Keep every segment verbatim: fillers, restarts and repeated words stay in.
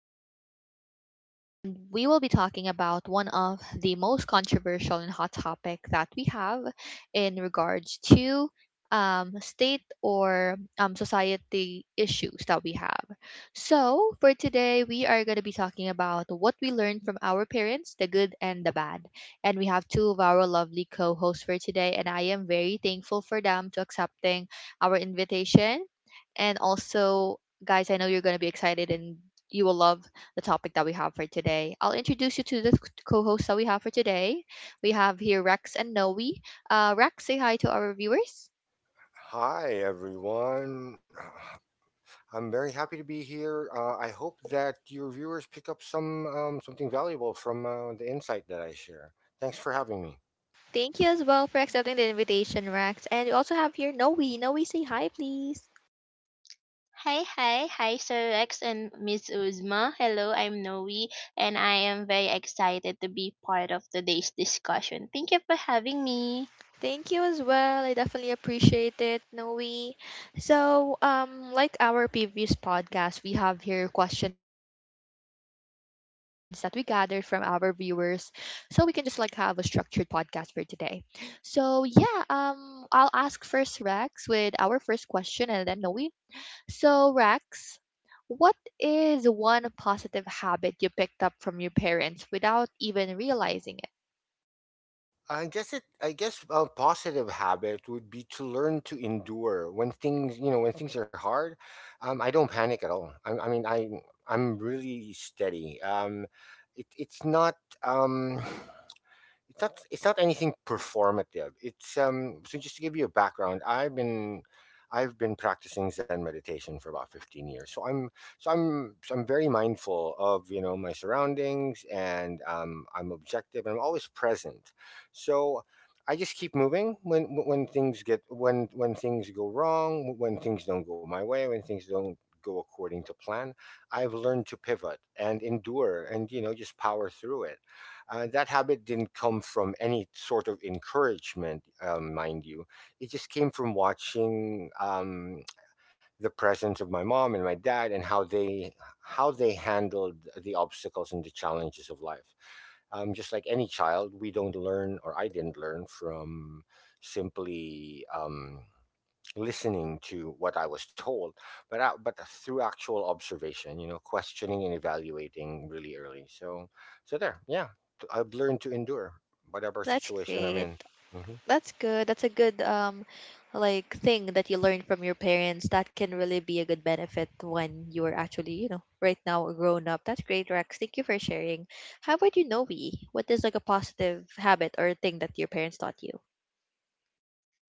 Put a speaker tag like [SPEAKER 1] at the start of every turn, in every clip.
[SPEAKER 1] twenty-second, and we will be talking about one of the most controversial and hot topic that we have in regards to um, state or um, society issues that we have. So, for today, we are going to be talking about what we learned from our parents, the good and the bad. And we have two of our lovely co hosts for today, and I am very thankful for them to accepting our invitation. And also, guys, I know you're going to be excited and you will love the topic that we have for today. I'll introduce you to the co hosts that we have for today. We have here Rex and Noe. Uh, Rex, say hi to our viewers.
[SPEAKER 2] Hi, everyone. I'm very happy to be here. Uh, I hope that your viewers pick up some um, something valuable from uh, the insight that I share. Thanks for having me.
[SPEAKER 1] Thank you as well for accepting the invitation, Rex. And we also have here Noe. Noe, say hi, please.
[SPEAKER 3] Hi, hi, hi, Sir Rex and Miss Uzma. Hello, I'm Noe, and I am very excited to be part of today's discussion. Thank you for having me.
[SPEAKER 1] Thank you as well. I definitely appreciate it, Noe. So, um, like our previous podcast, we have here questions that we gathered from our viewers, so we can just like have a structured podcast for today. So, yeah, um, I'll ask first Rex with our first question, and then Noe. So, Rex, what is one positive habit you picked up from your parents without even realizing it?
[SPEAKER 2] I guess it. I guess a positive habit would be to learn to endure when things, you know, when things are hard. Um, I don't panic at all. I, I mean, I I'm really steady. Um, it, it's not. Um, it's not it's not anything performative, it's um so just to give you a background, i've been I've been practicing zen meditation for about fifteen years, so i'm so i'm so I'm very mindful of, you know, my surroundings, and um, I'm objective and I'm always present. So I just keep moving when when things get when when things go wrong, when things don't go my way, when things don't go according to plan. I've learned to pivot and endure and, you know, just power through it. Uh, that habit didn't come from any sort of encouragement, um, mind you. It just came from watching um, the presence of my mom and my dad and how they how they handled the obstacles and the challenges of life. Um, just like any child, we don't learn or I didn't learn from simply um, listening to what I was told, but I, but through actual observation, you know, questioning and evaluating really early. So so there yeah t- I've learned to endure whatever
[SPEAKER 1] That's
[SPEAKER 2] situation
[SPEAKER 1] great.
[SPEAKER 2] I'm in.
[SPEAKER 1] That's good. That's a good um like thing that you learned from your parents. That can really be a good benefit when you are actually, you know, right now a grown up. That's great, Rex. Thank you for sharing. How about you, Novi? What is like a positive habit or thing that your parents taught you?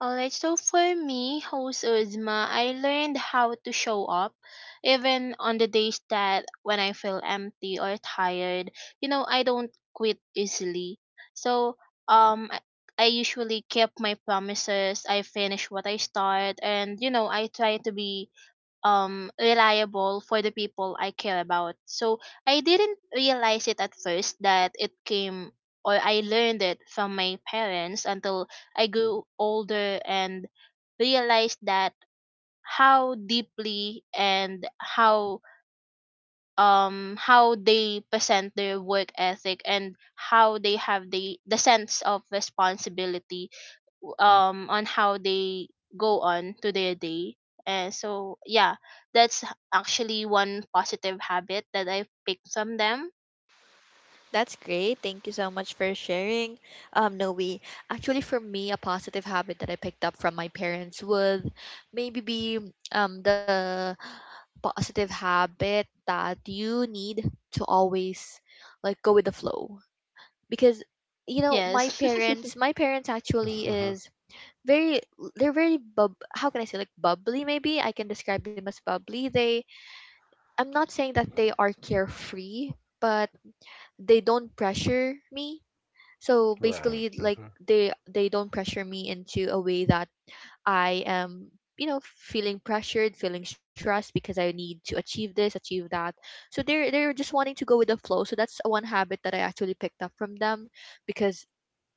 [SPEAKER 3] Alright, so for me, host Uzma, I learned how to show up, even on the days that when I feel empty or tired. You know, I don't quit easily. So, um, I I usually keep my promises. I finish what I start, and you know, I try to be um reliable for the people I care about. So I didn't realize it at first that it came or I learned it from my parents until I grew older and realized that how deeply and how um how they present their work ethic and how they have the the sense of responsibility um on how they go on to their day and so yeah, that's actually one positive habit that I picked from them.
[SPEAKER 1] That's great. Thank you so much for sharing. Um, Noe, actually, for me, a positive habit that I picked up from my parents would maybe be um, the positive habit that you need to always like go with the flow because you know my
[SPEAKER 3] Yes.
[SPEAKER 1] parents my parents actually
[SPEAKER 2] hmm
[SPEAKER 1] is very, they're very bub, how can I say, like bubbly, maybe I can describe them as bubbly. They, I'm not saying that they are carefree, but they don't pressure me. So
[SPEAKER 2] right
[SPEAKER 1] basically like
[SPEAKER 2] hmm
[SPEAKER 1] they they don't pressure me into a way that I am, you know, feeling pressured, feeling stressed because I need to achieve this, achieve that. So they're they're just wanting to go with the flow. So that's one habit that I actually picked up from them. Because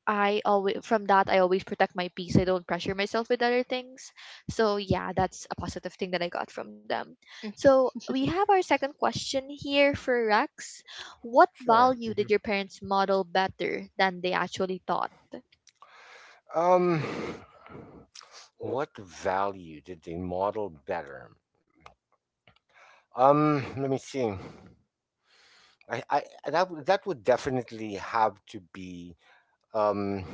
[SPEAKER 1] I always, from that I always protect my peace. I don't pressure myself with other things. So yeah, that's a positive thing that I got from them.
[SPEAKER 3] Mhm.
[SPEAKER 1] So we have our second question here for Rex. What
[SPEAKER 2] sure.
[SPEAKER 1] value
[SPEAKER 2] Mm-hmm.
[SPEAKER 1] did your parents model better than they actually taught?
[SPEAKER 2] Um, what value did they model better? Um, let me see. I, I that would- that would definitely have to be um,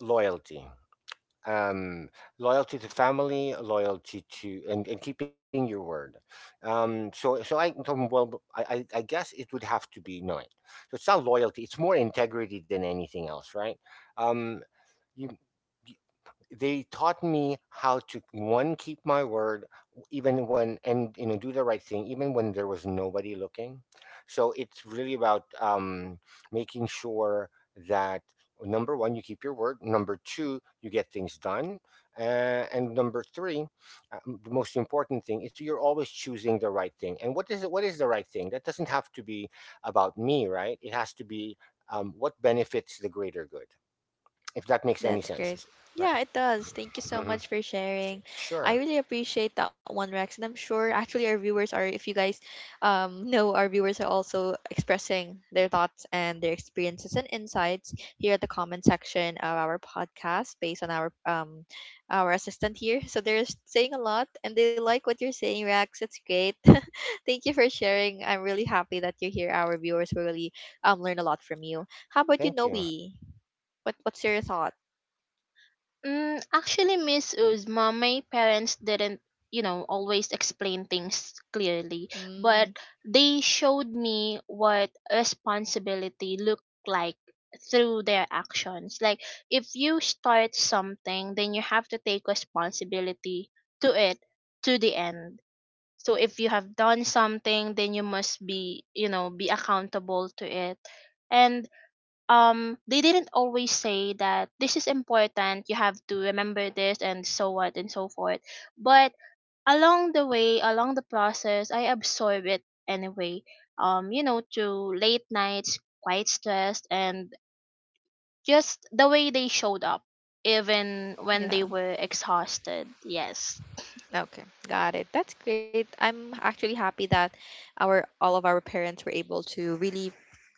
[SPEAKER 2] loyalty, um, loyalty to family, loyalty to, and, and keeping your word. Um, so so I um, well I, I I guess it would have to be no. So it's not loyalty; it's more integrity than anything else, right? Um, you They taught me how to, one, keep my word, even when, and, you know, do the right thing even when there was nobody looking. So it's really about, um, making sure that, number one, you keep your word, number two, you get things done, uh, and number three, uh, the most important thing is you're always choosing the right thing. And what is it, what is the right thing? That doesn't have to be about me, right? It has to be um, what benefits the greater good, if that makes any
[SPEAKER 1] That's great.
[SPEAKER 2] sense is- it
[SPEAKER 1] Yeah,
[SPEAKER 2] right.
[SPEAKER 1] it does. Thank you so much
[SPEAKER 2] Mhm.
[SPEAKER 1] for sharing. I
[SPEAKER 2] Sure.
[SPEAKER 1] really appreciate that one, Rex. And I'm sure actually our viewers are, if you guys um, know, our viewers are also expressing their thoughts and their experiences and insights here at the comment section of our podcast based on our um our assistant here. So they're saying a lot and they like what you're saying, Rex. It's great. Thank you for sharing. I'm really happy that you're here. Our viewers will really um learn a lot from you. How about you, Noe?
[SPEAKER 2] Thank you.
[SPEAKER 1] What what's your thought?
[SPEAKER 3] Mm, actually, Miss Uzma, my parents didn't, you know, always explain things clearly,
[SPEAKER 1] Mm,
[SPEAKER 3] but they showed me what responsibility looked like through their actions. Like, if you start something, then you have to take responsibility to it to the end. So if you have done something, then you must be, you know, be accountable to it. And um they didn't always say that this is important, you have to remember this and so on and so forth, but along the way, along the process, I absorb it anyway. um you know, through late nights, quite stressed, and just the way they showed up even when
[SPEAKER 1] yeah.
[SPEAKER 3] they were exhausted. Yes.
[SPEAKER 1] Okay. Got it. That's great. I'm actually happy that our all of our parents were able to really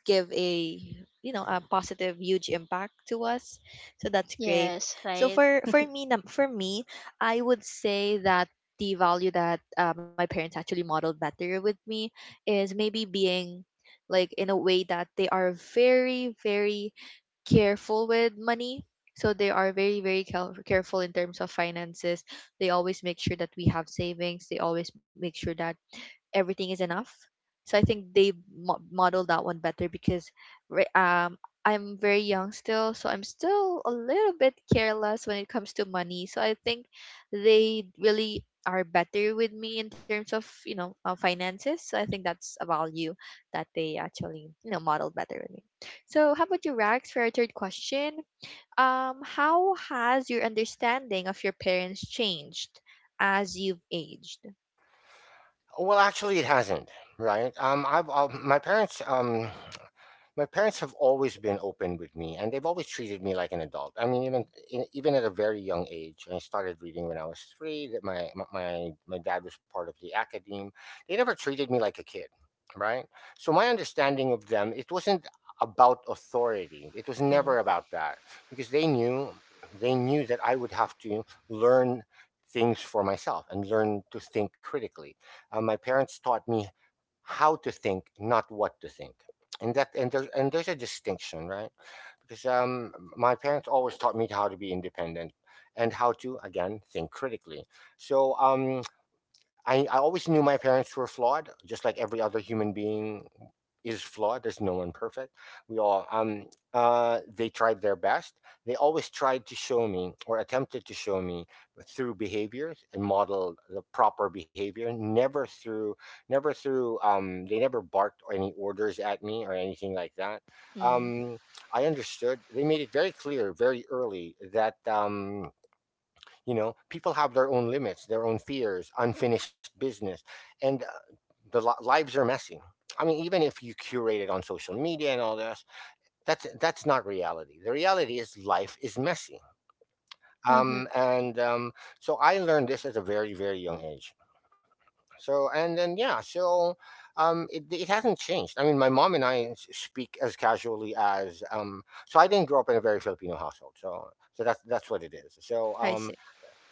[SPEAKER 1] give a, you know, a positive huge impact to us. So that's great.
[SPEAKER 3] Yes,
[SPEAKER 1] So
[SPEAKER 3] right.
[SPEAKER 1] for for me num- for me, I would say that the value that uh, my parents actually modeled better with me is maybe being like in a way that they are very very careful with money. So they are very, very cal- careful in terms of finances. They always make sure that we have savings. They always make sure that everything is enough. So I think they mo- modeled that one better because re- um I'm very young still, so I'm still a little bit careless when it comes to money. So I think they really are better with me in terms of you know uh, finances. So I think that's a value that they actually you know modeled better with me. So how about you, Rags, for our third question? Um, how has your understanding of your parents changed as you've aged?
[SPEAKER 2] Well, actually, it hasn't, right? Um, I've um, My parents um, my parents have always been open with me, and they've always treated me like an adult. I mean, even in, even at a very young age, I started reading when I was three. That My my my my dad was part of the academe. They never treated me like a kid, right? So my understanding of them, it wasn't about authority. It was never about that, because they knew they knew that I would have to learn things for myself and learn to think critically. Uh, my parents taught me how to think, not what to think. And that and there's and there's a distinction, right? Because um, my parents always taught me how to be independent and how to, again, think critically. So um, I, I always knew my parents were flawed, just like every other human being is flawed. There's no one perfect. We all um uh They tried their best. They always tried to show me, or attempted to show me, through behavior and model the proper behavior. Never through, never through um they never barked any orders at me or anything like that.
[SPEAKER 1] Mm-hmm.
[SPEAKER 2] Um I understood. They made it very clear very early that, um you know, people have their own limits, their own fears, unfinished business, and, uh, the li- lives are messy. I mean, even if you curate it on social media and all this, that's that's not reality. The reality is life is messy.
[SPEAKER 3] Mm-hmm.
[SPEAKER 2] Um and um So I learned this at a very very young age. So and then yeah so um it, it hasn't changed. I mean, my mom and I s- speak as casually as, um so I didn't grow up in a very filipino household. So so that's that's what it is. so
[SPEAKER 1] I
[SPEAKER 2] um
[SPEAKER 1] see.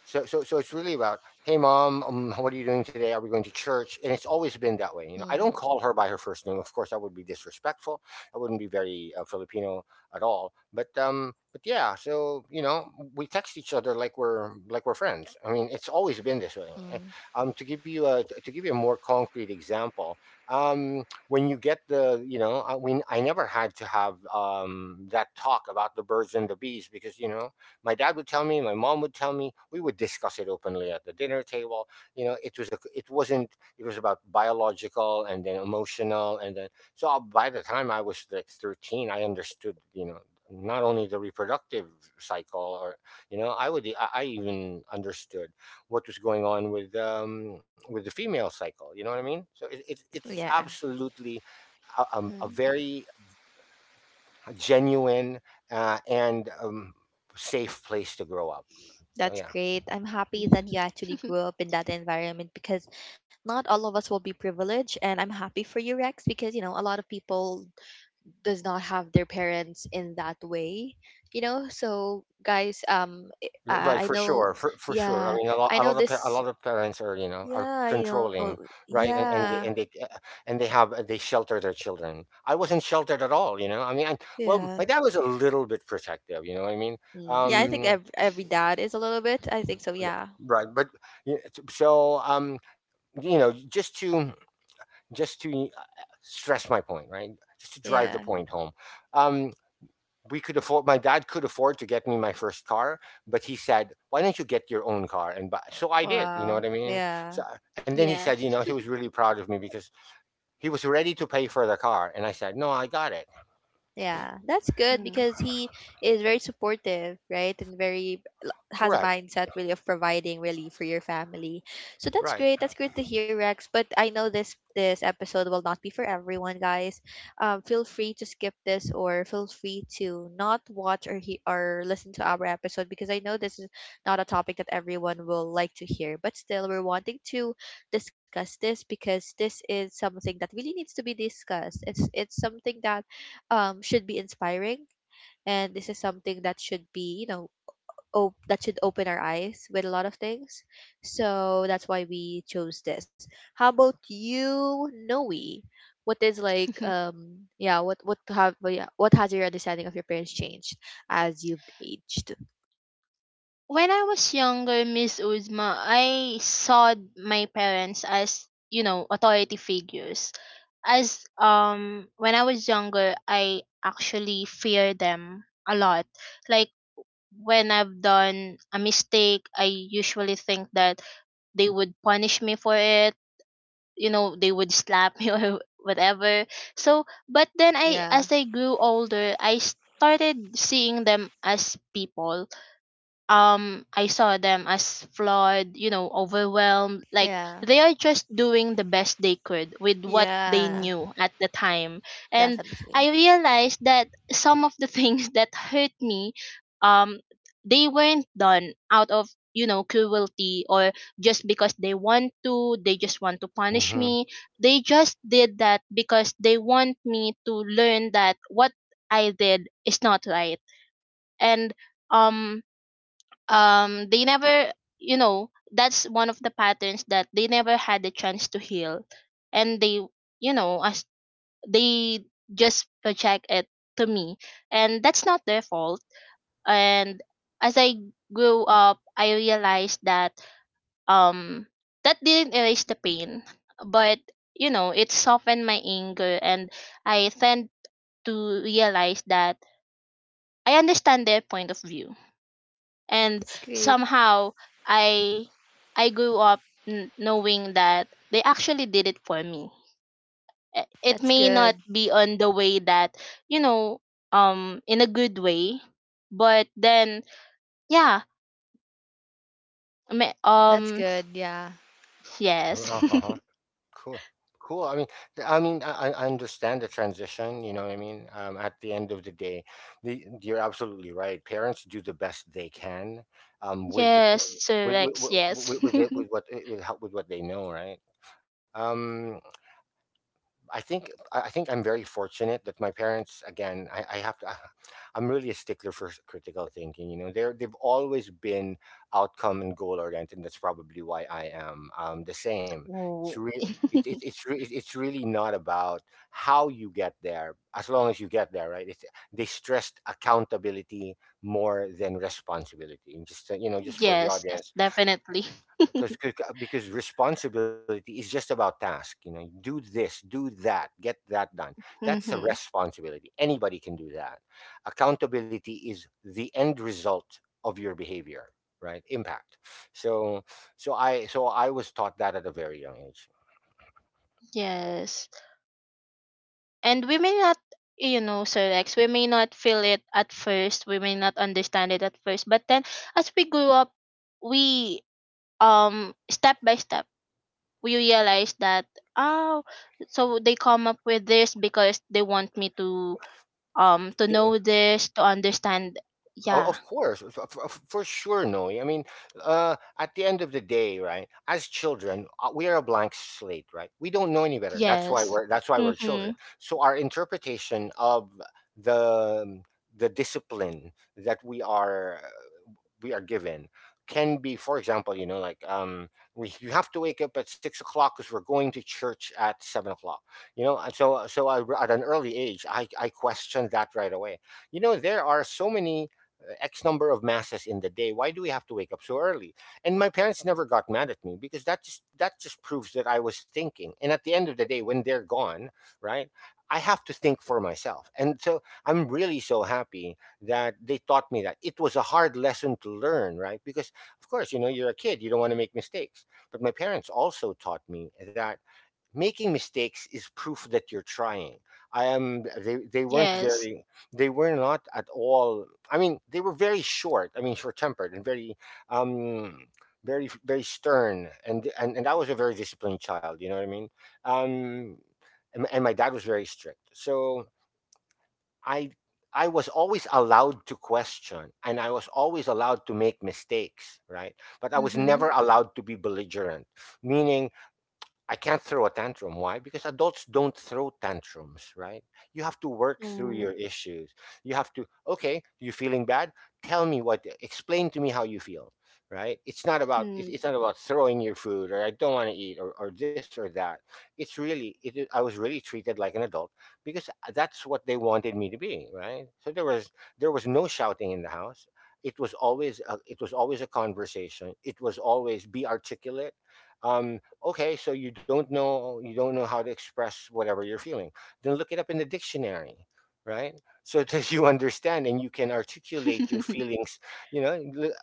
[SPEAKER 2] so, so, so it's really about, hey, mom, um, what are you doing today? Are we going to church? And it's always been that way. You know,
[SPEAKER 1] Mm,
[SPEAKER 2] I don't call her by her first name. Of course, that would be disrespectful. That wouldn't be very uh, Filipino at all. But, um, but yeah. So, you know, we text each other like we're like we're friends. I mean, it's always been this way. Eh,
[SPEAKER 1] mm.
[SPEAKER 2] Um, to give you a to give you a more concrete example, um, when you get the, you know, I, we I never had to have um that talk about the birds and the bees, because, you know, my dad would tell me my mom would tell me, we would discuss it openly at the dinner table. You know, it was a it wasn't, it was about biological and then emotional, and then so by the time I was like thirteen, I understood, you know, not only the reproductive cycle, or, you know, i would i, I even understood what was going on with, um with the female cycle, you know what I mean? So it, it, it's
[SPEAKER 1] Yeah,
[SPEAKER 2] absolutely a, um, a
[SPEAKER 3] Mm-hmm,
[SPEAKER 2] very a genuine uh, and um, safe place to grow up. So
[SPEAKER 1] that's
[SPEAKER 2] yeah.
[SPEAKER 1] great. I'm happy that you actually
[SPEAKER 3] mm-hmm.
[SPEAKER 1] grew up in that environment because not all of us will be privileged, and I'm happy for you, Rex, because you know a lot of people does not have their parents in that way. You know, so guys, um,
[SPEAKER 2] Yeah, right,
[SPEAKER 1] I, I
[SPEAKER 2] for
[SPEAKER 1] know,
[SPEAKER 2] sure, for, for sure. I
[SPEAKER 1] yeah,
[SPEAKER 2] mean, a lot,
[SPEAKER 1] I
[SPEAKER 2] a
[SPEAKER 1] know
[SPEAKER 2] lot of pa- a
[SPEAKER 1] this,
[SPEAKER 2] lot of parents are, you know, are
[SPEAKER 1] yeah, you know,
[SPEAKER 2] controlling, right? And and they
[SPEAKER 1] yeah,
[SPEAKER 2] and they uh, and they have, uh, they shelter their children. I wasn't sheltered at all, you know. I mean, I, well,
[SPEAKER 1] yeah,
[SPEAKER 2] my dad was a little bit protective, you know what I mean,
[SPEAKER 1] mm, yeah. I think
[SPEAKER 2] um,
[SPEAKER 1] every every dad is a little bit. I think so.
[SPEAKER 2] Yeah,
[SPEAKER 1] Yeah,
[SPEAKER 2] right. But yeah, it's- so um, you know, just to just to, uh, stress my point, right? Just to drive the
[SPEAKER 1] yeah.
[SPEAKER 2] point home. Um, we could afford. My dad could afford to get me my first car, but he said, "Why don't you get your own car and buy?" So I did. You know what
[SPEAKER 1] Wow.
[SPEAKER 2] I mean?
[SPEAKER 1] Yeah.
[SPEAKER 2] So, and then he
[SPEAKER 3] Yeah.
[SPEAKER 2] said, you know, he was really proud of me, because he was ready to pay for the car, and I said, "No, I got it."
[SPEAKER 1] Yeah, that's good
[SPEAKER 3] Mm.
[SPEAKER 1] because he is very supportive, right? And very has a
[SPEAKER 2] Correct.
[SPEAKER 1] mindset really of providing really for your family. So that's great.
[SPEAKER 2] Right.
[SPEAKER 1] That's great to hear, Rex. But I know this this episode will not be for everyone, guys. Um, feel free to skip this or feel free to not watch or he or listen to our episode because I know this is not a topic that everyone will like to hear. But still, we're wanting to discuss this because this is something that really needs to be discussed. It's it's something that um should be inspiring and this is something that should be, you know, op- that should open our eyes with a lot of things. So that's why we chose this. How about you, Noe? What is like, um yeah, what what have well, yeah, what has your understanding of your parents changed as you've aged?
[SPEAKER 3] When I was younger, Miss Uzma, I saw my parents as, you know, authority figures. As um When I was younger, I actually fear them a lot. Like, when I've done a mistake, I usually think that they would punish me for it, you know, they would slap me or whatever. So, but then I
[SPEAKER 1] Yeah.
[SPEAKER 3] as I grew older, I started seeing them as people. um I saw them as flawed, you know, overwhelmed, like
[SPEAKER 1] Yeah.
[SPEAKER 3] they are just doing the best they could with what they
[SPEAKER 1] Yeah.
[SPEAKER 3] knew at the time. And
[SPEAKER 1] Definitely.
[SPEAKER 3] I realized that some of the things that hurt me, um they weren't done out of, you know, cruelty or just because they want to, they just want to punish
[SPEAKER 2] hmm
[SPEAKER 3] me. They just did that because they want me to learn that what I did is not right. and um um they never, you know, that's one of the patterns that they never had the chance to heal, and they, you know, as they just project it to me. And that's not their fault. And as I grew up, I realized that, um that didn't erase the pain, but you know, it softened my anger, and I tend to realize that I understand their point of view. And
[SPEAKER 1] That's great.
[SPEAKER 3] somehow i i grew up n- knowing that they actually did it for me. I-
[SPEAKER 1] That's
[SPEAKER 3] it may not
[SPEAKER 1] good.
[SPEAKER 3] be on the way that, you know, um in a good way, but then, yeah. I mean,
[SPEAKER 1] That's
[SPEAKER 3] um
[SPEAKER 1] good. Yeah.
[SPEAKER 3] yes.
[SPEAKER 2] Uh huh. Cool. Cool. I mean, th- I mean, I, I understand the transition. You know what I mean. Um, at the end of the day, the, you're absolutely right. Parents do the best they can, um, with the,
[SPEAKER 3] Yes, Sir
[SPEAKER 2] with with
[SPEAKER 3] Rex.
[SPEAKER 2] with, with,
[SPEAKER 3] Yes.
[SPEAKER 2] with, it, with what with how, with what they know, right? Um, I think I I think I'm very fortunate that my parents, again, I, I have to I'm really a stickler for s- critical thinking, you know. They're they've always been outcome and goal oriented, and that's probably why I am, um, the same. It's
[SPEAKER 3] Oh.
[SPEAKER 2] re- it, it, it's re- it, It's really not about how you get there, as long as you get there, right? It's, they stressed accountability more than responsibility, and just, uh, you know, just for the
[SPEAKER 3] Yes,
[SPEAKER 2] audience,
[SPEAKER 3] definitely.
[SPEAKER 2] because because responsibility is just about task, you know, do this, do that, get that done. That's a
[SPEAKER 3] Mm-hmm.
[SPEAKER 2] responsibility. Anybody can do that. Accountability is the end result of your behavior, right? Impact. So so i so I was taught that at a very young age.
[SPEAKER 3] Yes. And we may not, you know, Sir Rex, we may not feel it at first. We may not understand it at first. But then as we grew up, we, um step by step, we realize that, oh, so they come up with this because they want me to, um to
[SPEAKER 2] to,
[SPEAKER 3] know this, to understand.
[SPEAKER 2] O-
[SPEAKER 3] Yeah.
[SPEAKER 2] Of course, f- f- f- for sure, Noe. I mean, uh, at the end of the day, right? As children, uh, we are a blank slate, right? We don't know any better. That's why
[SPEAKER 3] Yes.
[SPEAKER 2] we're, that's why we're
[SPEAKER 3] Mm-hmm.
[SPEAKER 2] children. So our interpretation of the the discipline that we are we are given can be, for example, you know like um we you have to wake up at six o'clock because we're going to church at seven o'clock. You know and so so I, at an early age, i i questioned that right away. You know there are so many uh, x number of masses in the day. Why do we have to wake up so early? And my parents never got mad at me, because that just that just proves that I was thinking. And at the end of the day, when they're gone, right, I have to think for myself. And so I'm really so happy that they taught me that. It was a hard lesson to learn, right? Because of course, you know, you're a kid, you don't want to make mistakes. But my parents also taught me that making mistakes is proof that you're trying. I am they, they weren't
[SPEAKER 3] Yes.
[SPEAKER 2] very, they were not at all, I mean, they were very short, I mean, short tempered and very um very very stern, and, and and I was a very disciplined child, you know what I mean. um and, and my dad was very strict. So I I was always allowed to question and I was always allowed to make mistakes, right? But I was
[SPEAKER 3] Mm-hmm.
[SPEAKER 2] never allowed to be belligerent, meaning I can't throw a tantrum. Why? Because adults don't throw tantrums, right? You have to work through your issues. You have to, okay, you are feeling bad? Tell me what, explain to me how you feel, right? It's not about, it-
[SPEAKER 3] Mm-hmm.
[SPEAKER 2] it's not about throwing your food or I don't want to eat or, or this or that. It's really, it, is- I was really treated like an adult because uh, that's what they wanted me to be, right? So there was, there was no shouting in the house. It was always, a, it was always a conversation. It was always be articulate. Um, okay, so you don't know, you don't know how to express whatever you're feeling, then look it up in the dictionary, right? So that you understand and you can articulate your feelings, you know. L-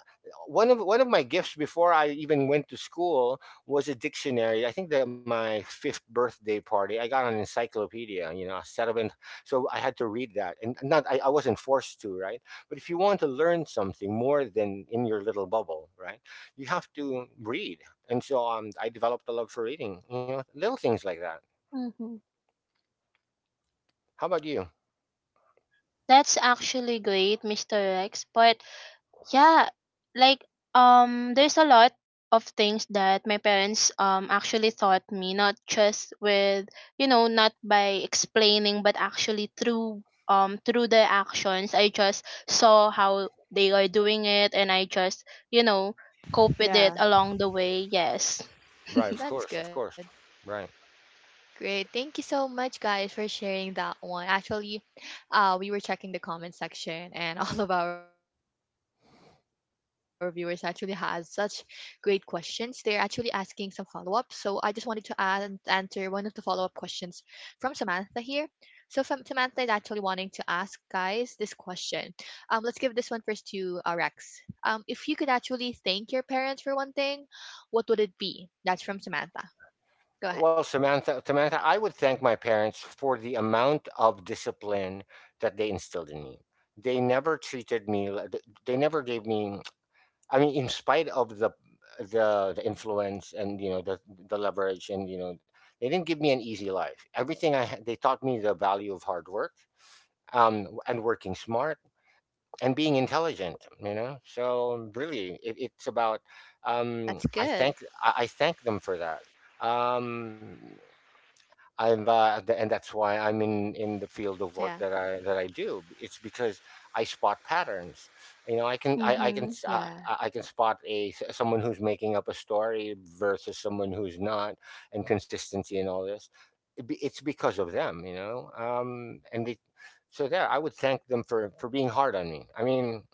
[SPEAKER 2] One of one of my gifts before I even went to school was a dictionary. I think that my fifth birthday party, I got an encyclopedia, you know, a settlement. So I had to read that. And not I, I wasn't forced to, right? But if you want to learn something more than in your little bubble, right, you have to read. And so um, I developed a love for reading, you know, little things like that.
[SPEAKER 3] Mm-hmm.
[SPEAKER 2] How about you?
[SPEAKER 3] That's actually great, Mister Rex. But yeah, like, um there's a lot of things that my parents um actually taught me, not just with, you know, not by explaining, but actually through, um through the actions. I just saw how they are doing it, and I just, you know, cope with it
[SPEAKER 1] Yeah.
[SPEAKER 3] along the way. Yes.
[SPEAKER 2] Right, of
[SPEAKER 1] That's
[SPEAKER 2] course,
[SPEAKER 1] good.
[SPEAKER 2] of course. Right.
[SPEAKER 1] Great. Thank you so much, guys, for sharing that one. Actually, uh, we were checking the comment section, and all of our viewers actually has such great questions. They're actually asking some follow up. So I just wanted to an- answer one of the follow up questions from Samantha here. So Fam- Samantha is actually wanting to ask guys this question. Um, let's give this one first to uh, Rex. Um, if you could actually thank your parents for one thing, what would it be? That's from Samantha. Go ahead.
[SPEAKER 2] Well, Samantha, Samantha, I would thank my parents for the amount of discipline that they instilled in me. They never treated me, li- th- they never gave me, I mean, in spite of the the the influence, and, you know, the the leverage, and, you know, they didn't give me an easy life. Everything I had, they taught me the value of hard work um and working smart and being intelligent. You know, so
[SPEAKER 1] That's
[SPEAKER 2] really it,
[SPEAKER 1] good.
[SPEAKER 2] it's about um I thank, i, I thank them for that. um i'm uh, th- and that's why
[SPEAKER 1] Yeah.
[SPEAKER 2] I'm in in the field of work that I that i do. It's because I spot patterns, you know. i can
[SPEAKER 1] Yeah.
[SPEAKER 2] i, I can
[SPEAKER 3] Mhm.
[SPEAKER 2] s- uh, i I can spot a s- someone who's making up a story versus someone who's not, and consistency and all this. It be- it's because of them, you know. Um and they So there I would thank them for for being hard on me, I mean,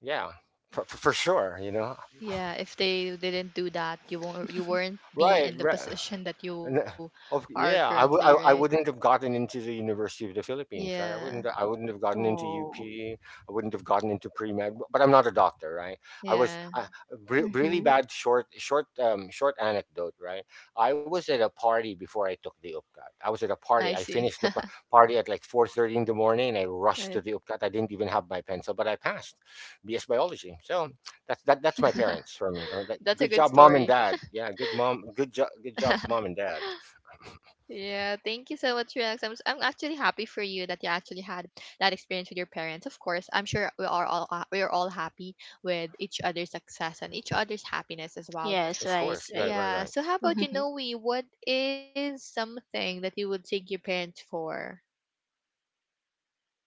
[SPEAKER 2] yeah, for for for sure, you know.
[SPEAKER 1] Yeah. If they didn't do that, you won't you won't be
[SPEAKER 2] Right,
[SPEAKER 1] in the
[SPEAKER 2] right.
[SPEAKER 1] position that you
[SPEAKER 2] And, uh,
[SPEAKER 1] are
[SPEAKER 2] of yeah,
[SPEAKER 1] currently,
[SPEAKER 2] I would, I,
[SPEAKER 1] right?
[SPEAKER 2] I wouldn't have gotten into the University of the Philippines, right? I
[SPEAKER 1] Yeah.
[SPEAKER 2] wouldn't I wouldn't have gotten into
[SPEAKER 3] Oh.
[SPEAKER 2] U P. I wouldn't have gotten into pre-med, b- but I'm not a doctor, right? I was
[SPEAKER 1] Yeah.
[SPEAKER 2] I, re- really
[SPEAKER 3] Mhm.
[SPEAKER 2] bad short short um short anecdote, right? I was at a party before I took the UPCAT. I was at a
[SPEAKER 1] I
[SPEAKER 2] party. I
[SPEAKER 1] see.
[SPEAKER 2] finished the p- party at like four thirty in the morning, and I rushed
[SPEAKER 1] I-
[SPEAKER 2] to the UPCAT. I didn't even have my pencil, but I passed B S biology. So
[SPEAKER 1] That's a
[SPEAKER 2] that's
[SPEAKER 1] good
[SPEAKER 2] that. That's my
[SPEAKER 1] story.
[SPEAKER 2] parents for me. Uh, that, good job, mom and dad. Yeah, good mom. Good job. Good job, mom and dad.
[SPEAKER 1] Yeah, thank you so much, Rex. I'm, s- I'm actually happy for you that you actually had that experience with your parents. Of course, I'm sure we are all uh, we are all happy with each other's success and each other's happiness as well.
[SPEAKER 3] Yes,
[SPEAKER 2] Of
[SPEAKER 3] right,
[SPEAKER 2] course.
[SPEAKER 1] S-
[SPEAKER 2] Right.
[SPEAKER 3] right.
[SPEAKER 2] Right.
[SPEAKER 1] Yeah.
[SPEAKER 2] Right.
[SPEAKER 1] So how about you, Noe? What is something that you would thank your parents for?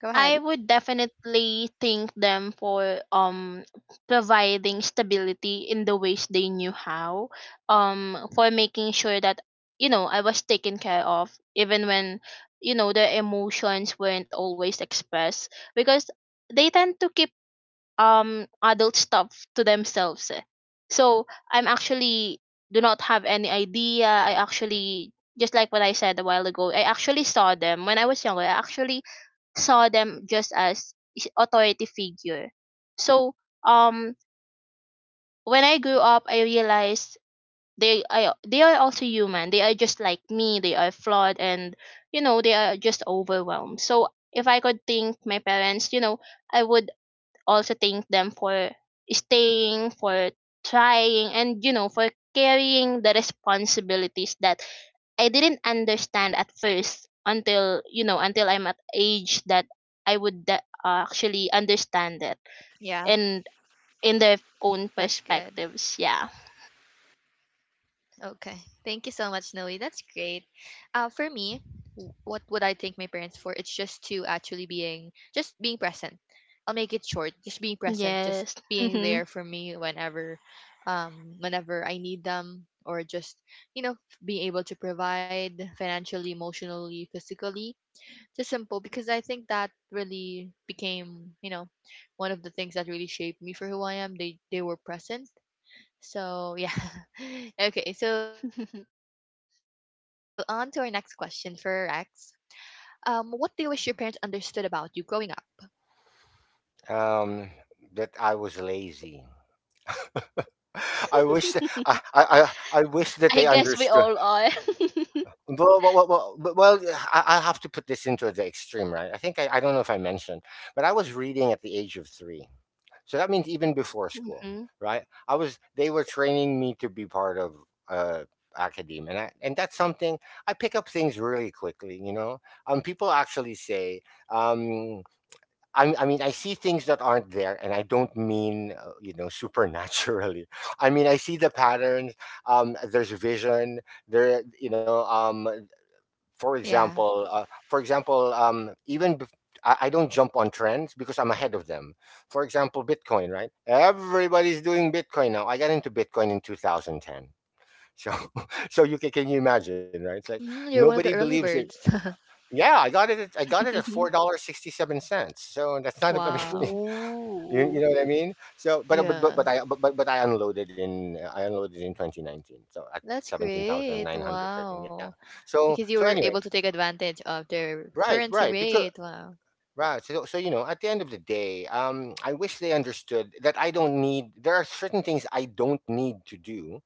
[SPEAKER 1] Go
[SPEAKER 3] I
[SPEAKER 1] ahead.
[SPEAKER 3] would definitely thank them for um providing stability in the ways they knew how, um for making sure that, you know, I was taken care of even when, you know, their emotions weren't always expressed, because they tend to keep um adult stuff to themselves. Eh. So I'm actually do not have any idea. I actually just like what I said a while ago. I actually saw them when I was younger. I actually saw them just as is- authority figure. So um when I grew up I realized they I, they are also human. They are just like me. They are flawed, and you know, they are just overwhelmed. So if I could think my parents, you know, I would also thank them for staying, for trying, and you know, for carrying the responsibilities that I didn't understand at first until, you know, until I'm at age that I would de- uh,
[SPEAKER 1] Yeah,
[SPEAKER 3] actually understand it
[SPEAKER 1] that's
[SPEAKER 3] and
[SPEAKER 1] good.
[SPEAKER 3] in their own perspectives. Yeah.
[SPEAKER 1] Okay. Thank you so much, Noe. That's great. Uh, for me, w- what would I thank my parents for? It's just to actually being, just being present. I'll make it short. Just being present. Just
[SPEAKER 3] Yes.
[SPEAKER 1] being there for
[SPEAKER 3] Mhm.
[SPEAKER 1] me whenever, um, whenever I need them, or just you know being able to provide financially, emotionally, physically. Just simple because I think that really became, you know, one of the things that really shaped me for who I am. They they were present. So yeah. Okay, so on to our next question for Rex. Um, what do you wish your parents understood about you growing up?
[SPEAKER 2] Um, that I was lazy. I wish that I, I I I wish that
[SPEAKER 3] I
[SPEAKER 2] they
[SPEAKER 3] guess we
[SPEAKER 2] understood.
[SPEAKER 3] all are.
[SPEAKER 2] Well, well, well, well, but- well yeah, I, I have to put this into the extreme, right? I think I, I don't know if I mentioned, but I was reading at the age of three. So that means even before school,
[SPEAKER 3] Hmm.
[SPEAKER 2] right? I was They were training me to be part of uh academia, and, I, and that's something. I pick up things really quickly, you know. Um people actually say, um I, I mean, I see things that aren't there. And I don't mean, uh, you know, supernaturally. I mean, I see the patterns. Um there's vision there, you know. Um for
[SPEAKER 1] Yeah.
[SPEAKER 2] example, uh, for example, um, even bef- I, I don't jump on trends because I'm ahead of them. For example, Bitcoin, right? Everybody's doing Bitcoin now. I got into Bitcoin in two thousand ten. So, so you can, can you imagine, right?
[SPEAKER 1] Mm,
[SPEAKER 2] It's
[SPEAKER 1] you're
[SPEAKER 2] like
[SPEAKER 1] one of the early
[SPEAKER 2] nobody
[SPEAKER 1] birds.
[SPEAKER 2] believes it. Yeah, I got it. At, I got it at four dollars sixty-seven cents. So that's not. I mean,
[SPEAKER 1] Wow.
[SPEAKER 2] you,
[SPEAKER 3] Ooh.
[SPEAKER 2] you know what I mean. So, but but
[SPEAKER 1] Yeah.
[SPEAKER 2] but, but I but, but but I unloaded in I unloaded in twenty nineteen. So at
[SPEAKER 1] That's
[SPEAKER 2] seventeen thousand
[SPEAKER 1] great.
[SPEAKER 2] nine hundred thirteen. Yeah.
[SPEAKER 1] Wow.
[SPEAKER 2] So
[SPEAKER 1] Because you
[SPEAKER 2] so
[SPEAKER 1] were
[SPEAKER 2] anyway,
[SPEAKER 1] able to take advantage of their
[SPEAKER 2] right,
[SPEAKER 1] currency
[SPEAKER 2] right. Because
[SPEAKER 1] rate. Wow.
[SPEAKER 2] right. So, so you know, at the end of the day, um, I wish they understood that I don't need. There are certain things I don't need to do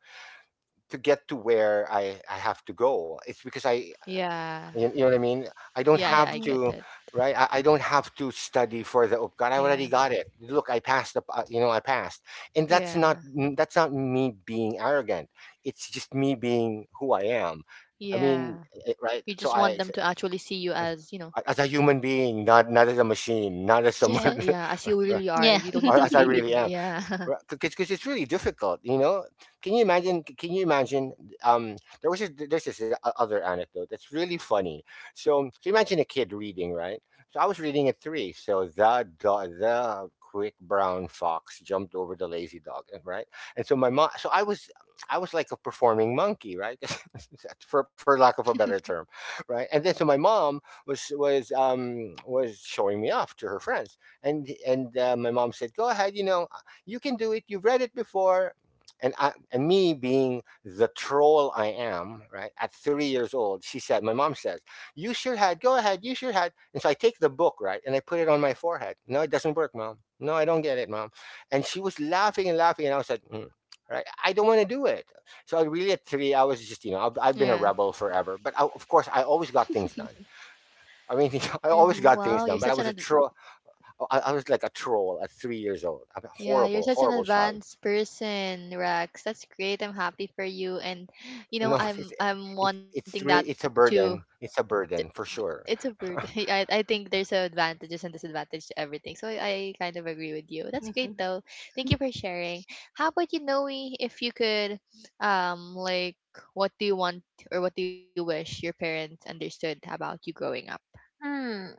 [SPEAKER 2] to get to where I I have to go. It's because I,
[SPEAKER 1] Yeah.
[SPEAKER 2] you, you know what I mean. I
[SPEAKER 1] Yeah,
[SPEAKER 2] don't
[SPEAKER 1] yeah, I
[SPEAKER 2] have
[SPEAKER 1] get
[SPEAKER 3] Mhm.
[SPEAKER 1] it.
[SPEAKER 2] to, right? I, I don't have to study for the oh God, I
[SPEAKER 1] Yeah.
[SPEAKER 2] already got it. Look, I passed the. Uh, you know, I passed, and that's not
[SPEAKER 1] Yeah.
[SPEAKER 2] mm, that's not me being arrogant. It's just me being who I am. I mean,
[SPEAKER 1] Yeah.
[SPEAKER 2] eh, right?
[SPEAKER 1] You
[SPEAKER 2] So
[SPEAKER 1] just want
[SPEAKER 2] I,
[SPEAKER 1] them to actually see you as, you know,
[SPEAKER 2] as a human
[SPEAKER 1] so
[SPEAKER 2] being,
[SPEAKER 1] yeah, as
[SPEAKER 2] not
[SPEAKER 1] you
[SPEAKER 2] not as a
[SPEAKER 1] really are. You
[SPEAKER 2] machine,
[SPEAKER 1] don't
[SPEAKER 2] not
[SPEAKER 1] need to
[SPEAKER 2] as
[SPEAKER 1] be
[SPEAKER 2] someone.
[SPEAKER 3] Yeah.
[SPEAKER 1] babied and
[SPEAKER 3] Yeah.
[SPEAKER 1] yeah.
[SPEAKER 2] Yeah, I, as I really am, because it's really difficult, you know. Can you imagine, c- can you imagine, um there was this, there's this o- other anecdote that's really funny. So so imagine a kid reading, right? So I was reading at three. So the do- the quick brown fox jumped over the lazy dog and- right. And so my mom, so I was I was like a performing monkey, right? for, for lack of a better term, right. And then so my mom was was um was showing me off to her friends. And and uh, my mom said, "Go ahead, you know, you can do it. You've read it before." And I, and me being the troll I am, right? At three years old, she said, my mom says, "You sure had. Go ahead. You sure had." And so I take the book, right, and I put it on my forehead. "No, it doesn't work, mom. No, I don't get it, mom." And she was laughing and laughing, and I was like, mm, right, I don't want to do it. So I really at three, I was
[SPEAKER 1] Yeah.
[SPEAKER 2] just, you know, I've, I've been a rebel forever. But I, of course, I always got things done. I mean, I
[SPEAKER 1] Wow, you're
[SPEAKER 2] always
[SPEAKER 1] such
[SPEAKER 3] Mhm.
[SPEAKER 2] got
[SPEAKER 1] an
[SPEAKER 2] things
[SPEAKER 1] ad-
[SPEAKER 2] done, but I was a troll. I, I was like a troll at three years old. I'm a
[SPEAKER 1] yeah, you're
[SPEAKER 2] horrible,
[SPEAKER 1] such an
[SPEAKER 2] horrible child.
[SPEAKER 1] advanced person, Rex. That's great. I'm happy for you and you know,
[SPEAKER 2] No,
[SPEAKER 1] I'm
[SPEAKER 2] it's
[SPEAKER 1] I'm
[SPEAKER 2] it,
[SPEAKER 1] wanting that
[SPEAKER 2] it's really, it's a
[SPEAKER 1] too.
[SPEAKER 2] burden. It's a burden for
[SPEAKER 1] It's a
[SPEAKER 2] sure.
[SPEAKER 1] bird. I I think there's a advantages and disadvantage to everything. So I I kind of agree with you. That's great
[SPEAKER 3] Mhm.
[SPEAKER 1] though. Thank you for sharing. How about you, Noe? If you could, um, like, what do you want or what do you wish your parents understood about you growing up?
[SPEAKER 3] Hmm.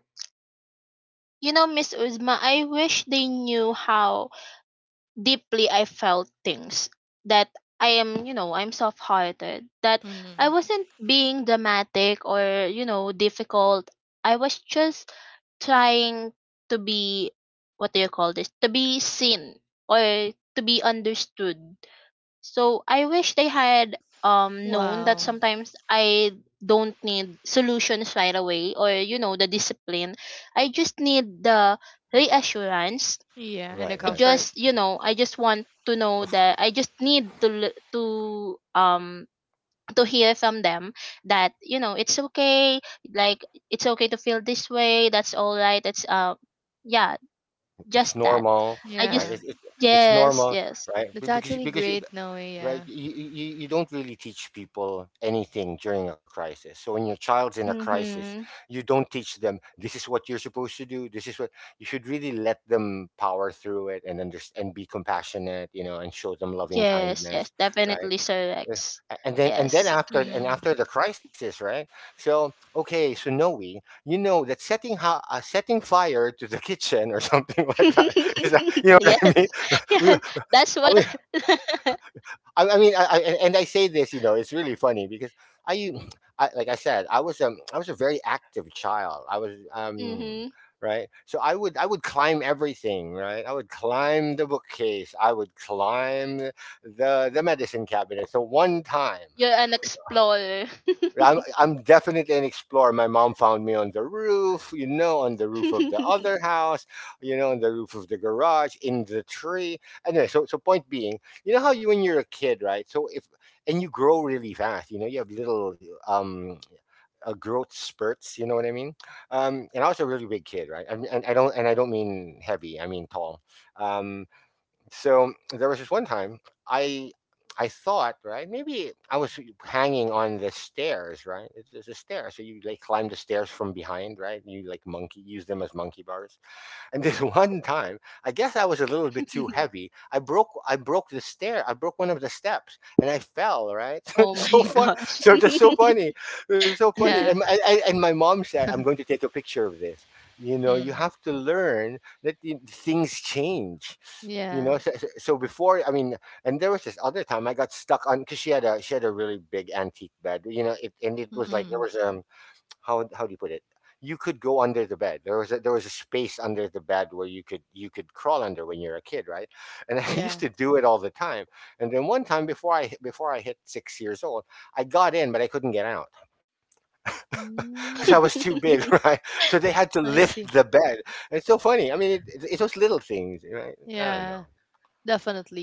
[SPEAKER 3] You know, Miss Uzma, I wish they knew how deeply I felt things. That I am, you know, I'm soft hearted. That I
[SPEAKER 1] Mm,
[SPEAKER 3] wasn't being dramatic or, you know, difficult. I was just trying to be, what do you call this? To be seen or to be understood. So I wish they had um known that
[SPEAKER 1] wow.
[SPEAKER 3] sometimes I don't need solutions right away, or you know, the discipline. I just need the reassurance.
[SPEAKER 1] Yeah, and the
[SPEAKER 2] Right,
[SPEAKER 3] I
[SPEAKER 2] right.
[SPEAKER 1] comfort.
[SPEAKER 3] just, you know, I just want to know that I just need to l- to, um to hear from them that, you know, it's okay. Like, it's okay to feel this way. That's all right. it's uh Yeah,
[SPEAKER 2] It's
[SPEAKER 3] just that.
[SPEAKER 2] normal,
[SPEAKER 3] I
[SPEAKER 2] right?
[SPEAKER 3] just.
[SPEAKER 1] Yeah,
[SPEAKER 2] It's it, it's
[SPEAKER 3] Yes,
[SPEAKER 2] normal,
[SPEAKER 3] yes.
[SPEAKER 2] right?
[SPEAKER 1] that's
[SPEAKER 2] Be- Because you-
[SPEAKER 1] actually
[SPEAKER 2] because you,
[SPEAKER 1] great, Noe. Yeah.
[SPEAKER 2] right, you, you you don't really teach people anything during a crisis. So when your child's in a crisis,
[SPEAKER 3] Mhm.
[SPEAKER 2] you don't teach them this is what you're supposed to do. This is what you should really let them power through it, and understand and be compassionate, you know, and show them loving
[SPEAKER 3] Yes, yes,
[SPEAKER 2] kindness, right?
[SPEAKER 3] definitely, Sir
[SPEAKER 2] Uh,
[SPEAKER 3] Rex.
[SPEAKER 2] and then and then
[SPEAKER 3] Yes.
[SPEAKER 2] after and
[SPEAKER 1] Mm,
[SPEAKER 2] after the crisis, right. So okay, so Noe, you know, that setting, how uh, setting fire to the kitchen or something like that is that, you know what I mean.
[SPEAKER 3] Yes,
[SPEAKER 2] We-
[SPEAKER 3] yes. That's
[SPEAKER 2] i mean
[SPEAKER 3] what.
[SPEAKER 2] i, I mean I, I, and I say this, you know, it's really funny because I I, like I said, I was um I was a very active child. I was um
[SPEAKER 3] Mm-hmm.
[SPEAKER 2] right. So I would I would climb everything, right? I would climb the bookcase. I would climb the the medicine cabinet. So one time
[SPEAKER 3] You're an explorer.
[SPEAKER 2] I'm I'm definitely an explorer. My mom found me on the roof, you know, on the roof of the other house, you know, on the roof of the garage, in the tree. Anyway, so so point being, you know how you when you're a kid, right? So if and you grow really fast, you know, you have little um uh, growth spurts, you know what I mean? Um, and I was a really big kid, right? I mean, and I don't and I don't mean heavy, I mean tall. Um, so there was this one time I I thought, right, maybe I was hanging on the stairs, right. It- It's a stair, so you like climb the stairs from behind, right. You like monkey, use them as monkey bars. And this one time, I guess I was a little bit too heavy. I broke I broke the stair. I broke one of the steps, and I fell. Right,
[SPEAKER 3] Oh my
[SPEAKER 2] so fun.
[SPEAKER 3] gosh.
[SPEAKER 2] So just so funny. It was so
[SPEAKER 1] yeah.
[SPEAKER 2] funny. And, I, I, and my mom said, "I'm going to take a picture of this." You know,
[SPEAKER 1] Mm,
[SPEAKER 2] you have to learn that the- things change, you
[SPEAKER 1] yeah.
[SPEAKER 2] know. So, so so before, I mean, and there was this other time I got stuck on because she had a she had a really big antique bed, you know it, and it was like there
[SPEAKER 1] Mm,
[SPEAKER 2] was um how how do you put it? You could go under the bed. There was a, there was a space under the bed where you could you could crawl under when you're a kid, right? And I used
[SPEAKER 1] yeah.
[SPEAKER 2] to do it all the time. And then one time before I before I hit six years old, I got in, but I couldn't get out, because
[SPEAKER 1] Mm,
[SPEAKER 2] I was too big, right? So they had to
[SPEAKER 1] I
[SPEAKER 2] lift
[SPEAKER 1] see.
[SPEAKER 2] the bed. It's so funny. I mean, it, it's those little things, right? I don't know.
[SPEAKER 1] Yeah.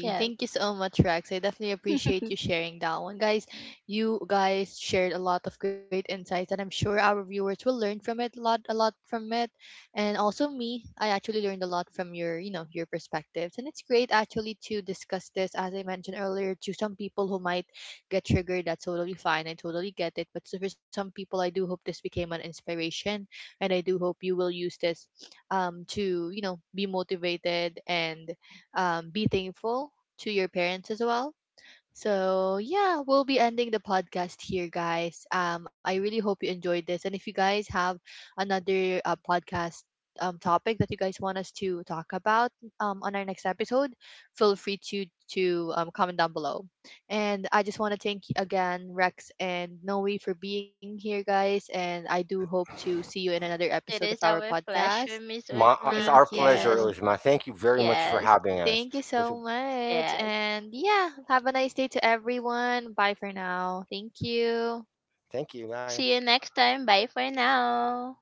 [SPEAKER 3] Yes.
[SPEAKER 1] Thank you so much, Rex. I definitely appreciate you sharing that one. Guys, you guys shared a lot of great insights and I'm sure our viewers will learn from it a lot a lot from it. And also me, I actually learned a lot from your, you know, your perspectives. And it's great actually to discuss this as I mentioned earlier to some people who might get triggered. That's totally fine. I totally get it. But so for some people I do hope this became an inspiration and I do hope you will use this um to, you know, be motivated and um, be thankful to your parents as well. So, yeah, we'll be ending the podcast here, guys. Um, I really hope you enjoyed this. And if you guys have another uh, podcast um, topic that you guys want us to talk about um, on our next episode, feel free to to um, comment down below. And I just want to thank you again, Rex and Noe, for being here, guys. And I do hope to see you in another episode
[SPEAKER 3] It
[SPEAKER 1] of
[SPEAKER 3] is
[SPEAKER 1] our
[SPEAKER 3] our
[SPEAKER 1] podcast.
[SPEAKER 3] pleasure, Miss
[SPEAKER 2] Ma, uh, it's
[SPEAKER 3] Uzma.
[SPEAKER 2] our
[SPEAKER 1] Thank
[SPEAKER 2] pleasure,
[SPEAKER 3] Yes,
[SPEAKER 1] you.
[SPEAKER 2] Uzma. Thank you very much for
[SPEAKER 3] yes,
[SPEAKER 2] having us.
[SPEAKER 1] Thank you
[SPEAKER 2] Was-
[SPEAKER 1] so much.
[SPEAKER 3] yes.
[SPEAKER 1] And yeah, have a nice day to everyone. Bye for now. Thank you.
[SPEAKER 2] Thank you. Bye.
[SPEAKER 3] See you next time. Bye for now.